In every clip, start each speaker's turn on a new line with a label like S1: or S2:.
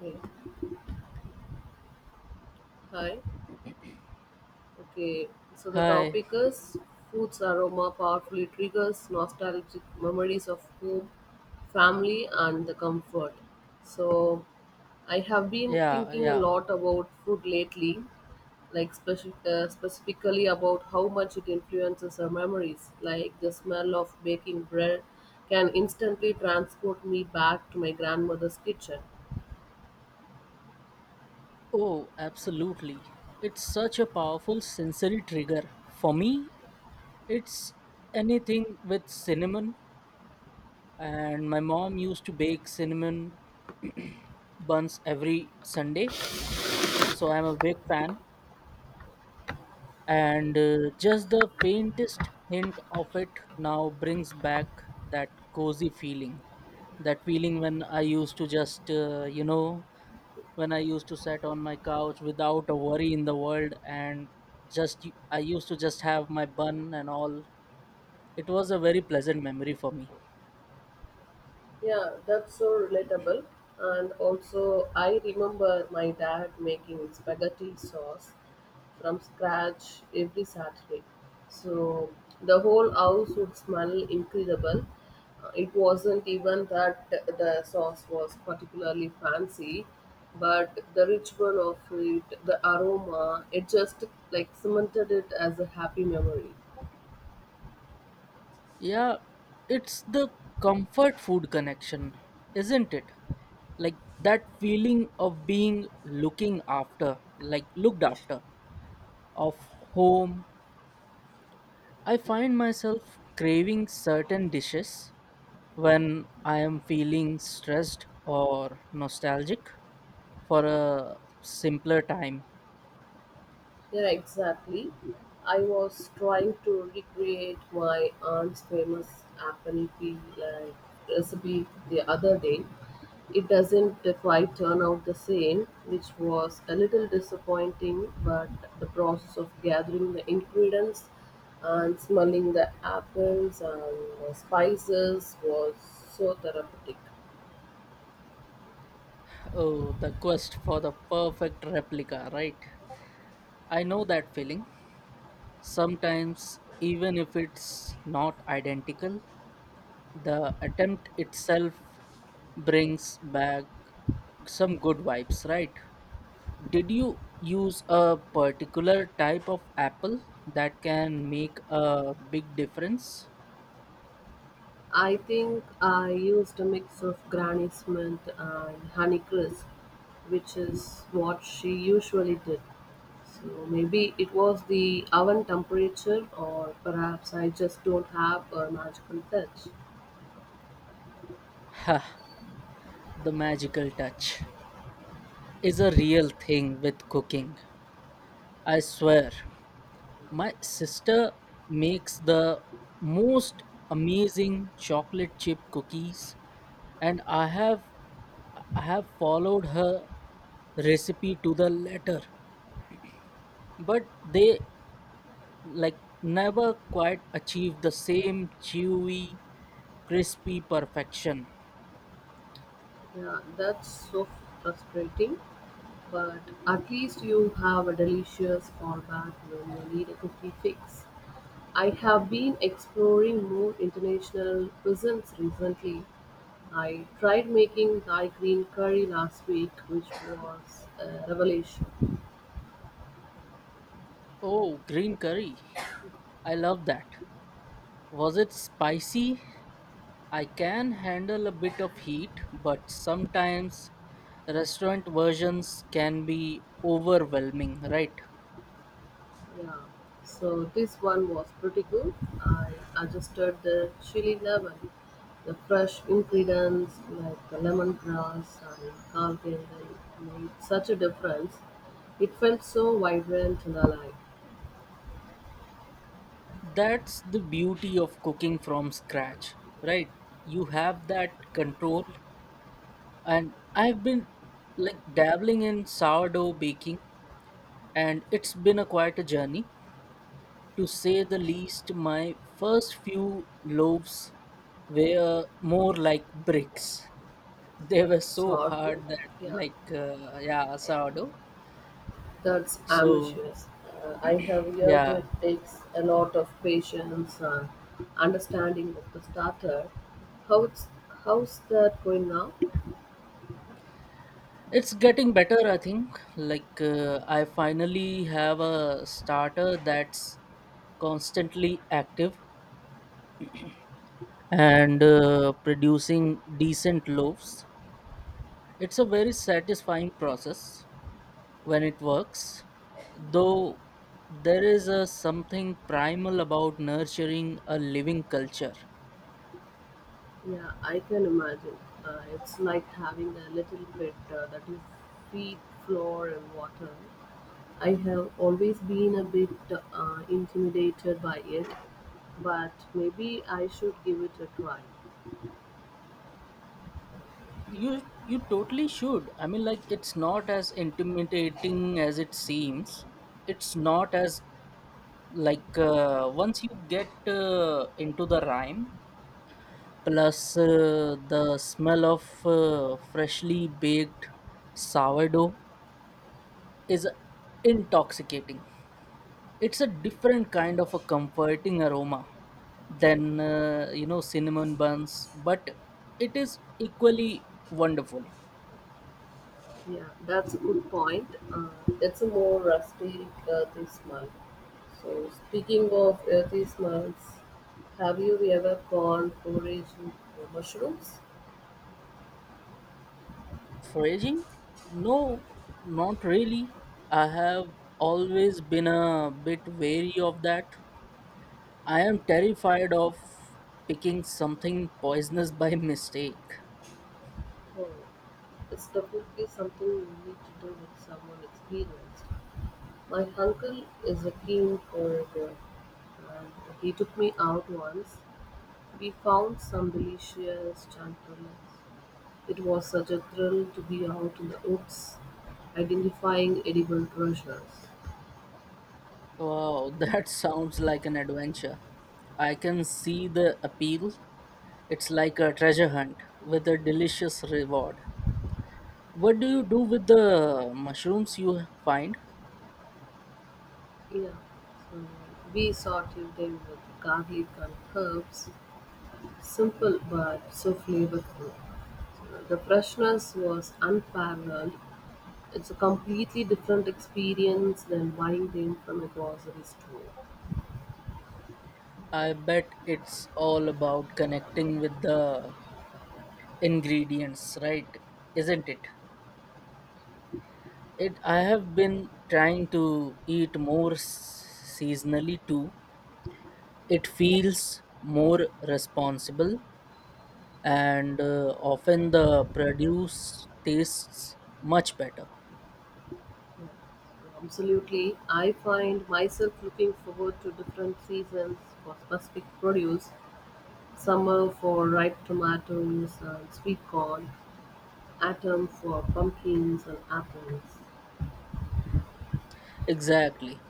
S1: Hey. Hi. Okay. So the
S2: Hi.
S1: topic is food's aroma powerfully triggers nostalgic memories of home, family, and the comfort. So I have been
S2: Yeah,
S1: thinking a
S2: yeah.
S1: lot about food lately, like specifically about how much it influences our memories. Like the smell of baking bread can instantly transport me back to my grandmother's kitchen.
S2: Oh, absolutely. It's such a powerful sensory trigger. For me, it's anything with cinnamon. And my mom used to bake cinnamon buns every Sunday. So I'm a big fan. And just the faintest hint of it now brings back that cozy feeling. That feeling when I used to just, when I used to sit on my couch without a worry in the world and just I used to just have my bun and all. It was a very pleasant memory for me.
S1: Yeah, that's so relatable. And also, I remember my dad making spaghetti sauce from scratch every Saturday. So the whole house would smell incredible. It wasn't even that the sauce was particularly fancy, but the ritual of it, the aroma, it just like cemented it as a happy memory.
S2: Yeah, it's the comfort food connection, isn't it? Like that feeling of being looking after, like looked after, of home. I find myself craving certain dishes when I am feeling stressed or nostalgic for a simpler time.
S1: Yeah, exactly. I was trying to recreate my aunt's famous apple pie like recipe the other day. It doesn't quite turn out the same, which was a little disappointing, but the process of gathering the ingredients and smelling the apples and the spices was so therapeutic.
S2: Oh, the quest for the perfect replica, right? I know that feeling. Sometimes, even if it's not identical, the attempt itself brings back some good vibes, right? Did you use a particular type of apple that can make a big difference?
S1: I think I used a mix of Granny Smith and Honeycrisp, which is what she usually did. So maybe it was the oven temperature, or perhaps I just don't have a magical touch.
S2: The magical touch is a real thing with cooking. I swear, my sister makes the most amazing chocolate chip cookies and I have followed her recipe to the letter, but they like never quite achieve the same chewy, crispy perfection.
S1: Yeah, that's so frustrating, but at least you have a delicious fallback when you need a cookie fix. I have been exploring more international cuisines recently. I tried making Thai green curry last week, which was a revelation.
S2: Oh, green curry. I love that. Was it spicy? I can handle a bit of heat, but sometimes restaurant versions can be overwhelming, right?
S1: Yeah, so this one was pretty good. I adjusted the chili level. The fresh ingredients like the lemongrass and coriander made such a difference. It felt so vibrant and alive.
S2: That's the beauty of cooking from scratch, right? You have that control. And I've been like dabbling in sourdough baking, and it's been a quite a journey. To say the least, my first few loaves were more like bricks. They were so
S1: Sourdough,
S2: hard that
S1: yeah.
S2: like yeah, sourdough.
S1: That's
S2: So
S1: ambitious. I have heard
S2: yeah,
S1: it takes a lot of patience and understanding of the starter. How's how's that going now?
S2: it's getting better. I think like I finally have a starter that's constantly active and producing decent loaves. It's a very satisfying process when it works, though there is a something primal about nurturing a living culture.
S1: Yeah, I can imagine. It's like having a little pit that you feed flour and water. I have always been a bit intimidated by it, but maybe I should give it a try.
S2: You totally should. I mean, like, it's not as intimidating as it seems. It's not as, like, once you get into the rhyme, plus the smell of freshly baked sourdough is intoxicating. It's a different kind of a comforting aroma than you know cinnamon buns, but it is equally wonderful.
S1: Yeah, that's a good point. It's a more rustic earthy smell. So, speaking of earthy smells, have you ever gone foraging for mushrooms?
S2: Foraging? No, not really. I have always been a bit wary of that. I am terrified of picking something poisonous by mistake.
S1: Oh, it's definitely something you need to do with someone experienced. My uncle is a keen forager, and he took me out once. We found some delicious champignons. It was such a thrill to be out in the woods identifying edible treasures.
S2: Wow, that sounds like an adventure. I can see the appeal. It's like a treasure hunt with a delicious reward. What do you do with the mushrooms you find?
S1: Yeah, so we sauteed them with garlic and herbs, simple but so flavorful. The freshness was unparalleled. It's a completely different experience than buying them from a grocery store.
S2: I bet it's all about connecting with the ingredients, right? Isn't it? I have been trying to eat more seasonally too. It feels more responsible, and often the produce tastes much better.
S1: Absolutely, I find myself looking forward to different seasons for specific produce. Summer for ripe tomatoes and sweet corn, autumn for pumpkins and apples.
S2: Exactly.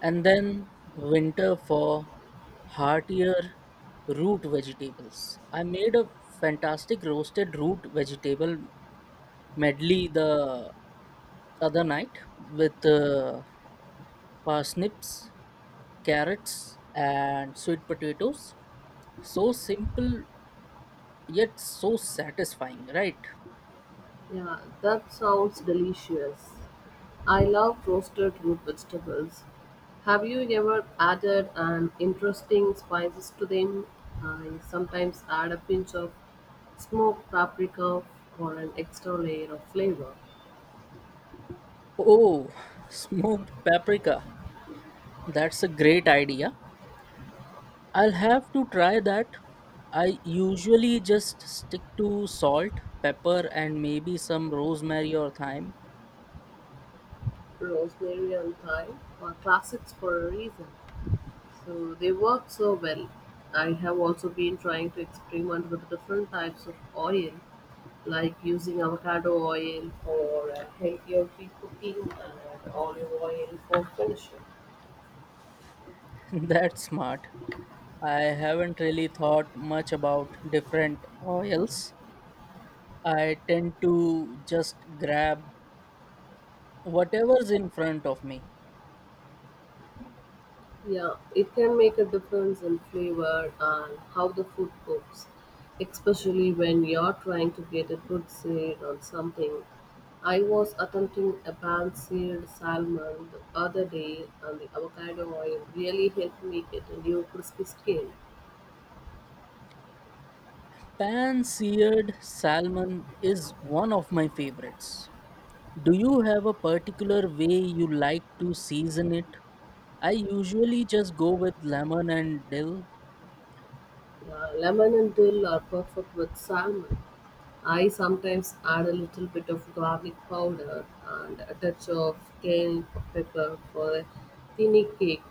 S2: And then winter for heartier root vegetables. I made a fantastic roasted root vegetable medley the other night with parsnips, carrots, and sweet potatoes. So simple yet so satisfying, right?
S1: Yeah, that sounds delicious. I love roasted root vegetables. Have you ever added an interesting spices to them? I sometimes add a pinch of smoked paprika for an extra layer of flavor.
S2: Oh, smoked paprika. That's a great idea. I'll have to try that. I usually just stick to salt, pepper, and maybe some rosemary or thyme.
S1: Rosemary and thyme are classics for a reason. So they work so well. I have also been trying to experiment with different types of oil, like using avocado oil for healthier cooking and olive oil for finishing.
S2: That's smart. I haven't really thought much about different oils. I tend to just grab whatever's in front of me.
S1: Yeah, it can make a difference in flavor and how the food cooks, especially when you're trying to get a good sear on something. I was attempting a pan seared salmon the other day, and the avocado oil really helped me get a new crispy skin.
S2: Pan seared salmon is one of my favorites. Do you have a particular way you like to season it? I usually just go with lemon and dill,
S1: Lemon and dill are perfect with salmon. I sometimes add a little bit of garlic powder and a touch of cayenne pepper for a tiny cake.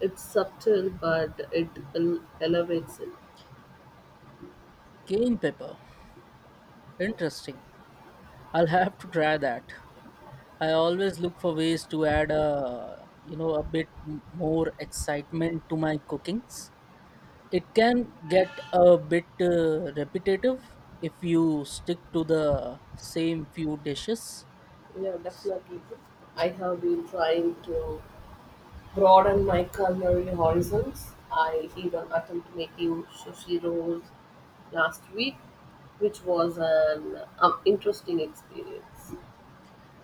S1: It's subtle but it elevates it.
S2: cayenne pepper. Interesting. I'll have to try that. I always look for ways to add a you know a bit more excitement to my cookings. It can get a bit repetitive if you stick to the same few dishes.
S1: Yeah, definitely. I have been trying to broaden my culinary horizons. I even attempted making sushi rolls last week, which was an interesting experience.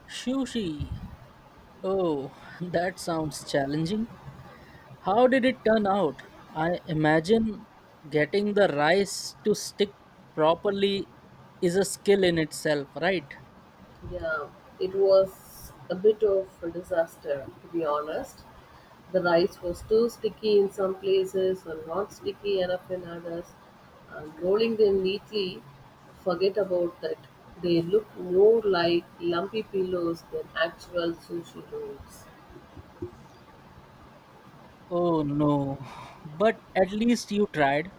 S2: Sushi. Oh, that sounds challenging. How did it turn out? I imagine getting the rice to stick properly is a skill in itself, right?
S1: Yeah, it was a bit of a disaster, to be honest. The rice was too sticky in some places and not sticky enough in others. And rolling them neatly, forget about that. They look more like lumpy pillows than actual sushi rolls.
S2: Oh no. But at least you tried.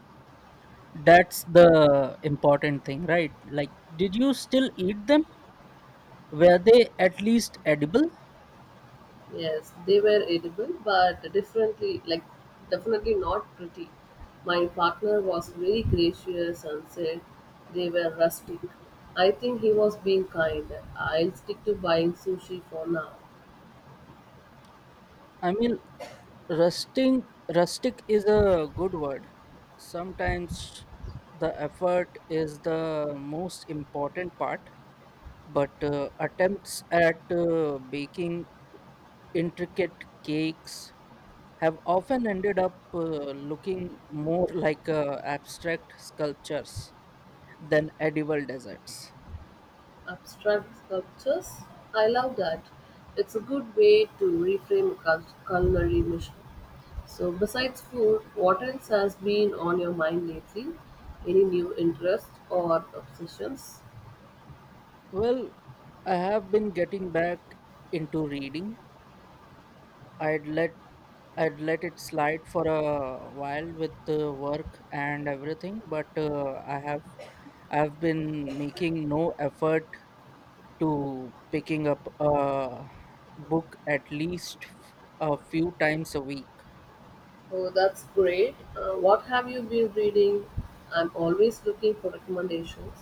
S2: That's the important thing, right? Like, did you still eat them? Were they at least edible?
S1: Yes, they were edible, but differently, like definitely not pretty. My partner was very gracious and said they were rustic. I think he was being kind. I'll stick to buying sushi for now.
S2: I mean, rusting rustic is a good word. Sometimes the effort is the most important part, but attempts at baking intricate cakes have often ended up looking more like abstract sculptures than edible desserts.
S1: Abstract sculptures? I love that. It's a good way to reframe a culinary mission. So, besides food, what else has been on your mind lately? Any new interests or obsessions?
S2: Well, I have been getting back into reading. I'd let I'd let it slide for a while with the work and everything, but I've been making no effort to picking up a book at least a few times a week.
S1: Oh, that's great. What have you been reading? I'm always looking for recommendations.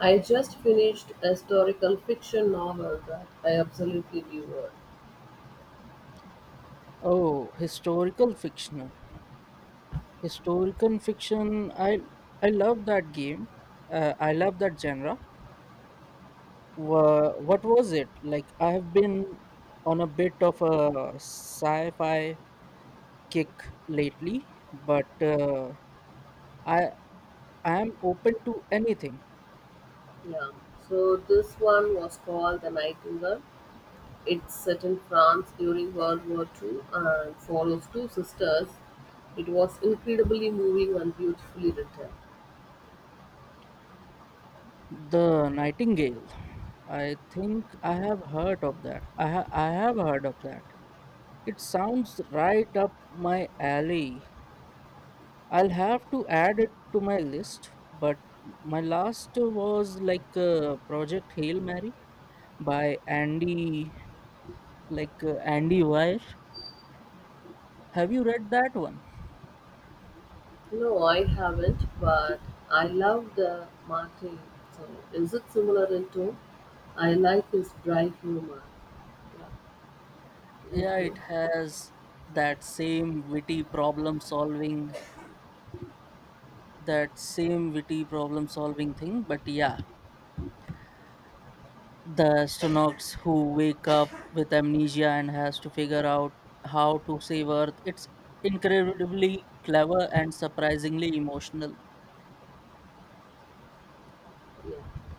S1: I just finished a historical fiction novel that I absolutely devoured.
S2: Oh, Historical fiction. I love that game. I love that genre. Wha what was it like? I have been on a bit of a sci-fi kick lately, but I I am open to anything.
S1: Yeah. So this one was called The Nightingale. It's set in France during World War II and follows two sisters. It was incredibly moving and beautifully written.
S2: The Nightingale. I think I have heard of that. I have heard of that. It sounds right up my alley. I'll have to add it to my list, but my last was like Project Hail Mary by Andy Weir. Have you read that one?
S1: No, I haven't, but I love the Martin. So, is it similar in tone? I like his dry humor. Yeah.
S2: Yeah,
S1: Okay.
S2: it has that same witty problem solving, that same witty problem solving thing. But yeah, the astronauts who wake up with amnesia and has to figure out how to save Earth. It's incredibly clever and surprisingly emotional.
S1: Yeah.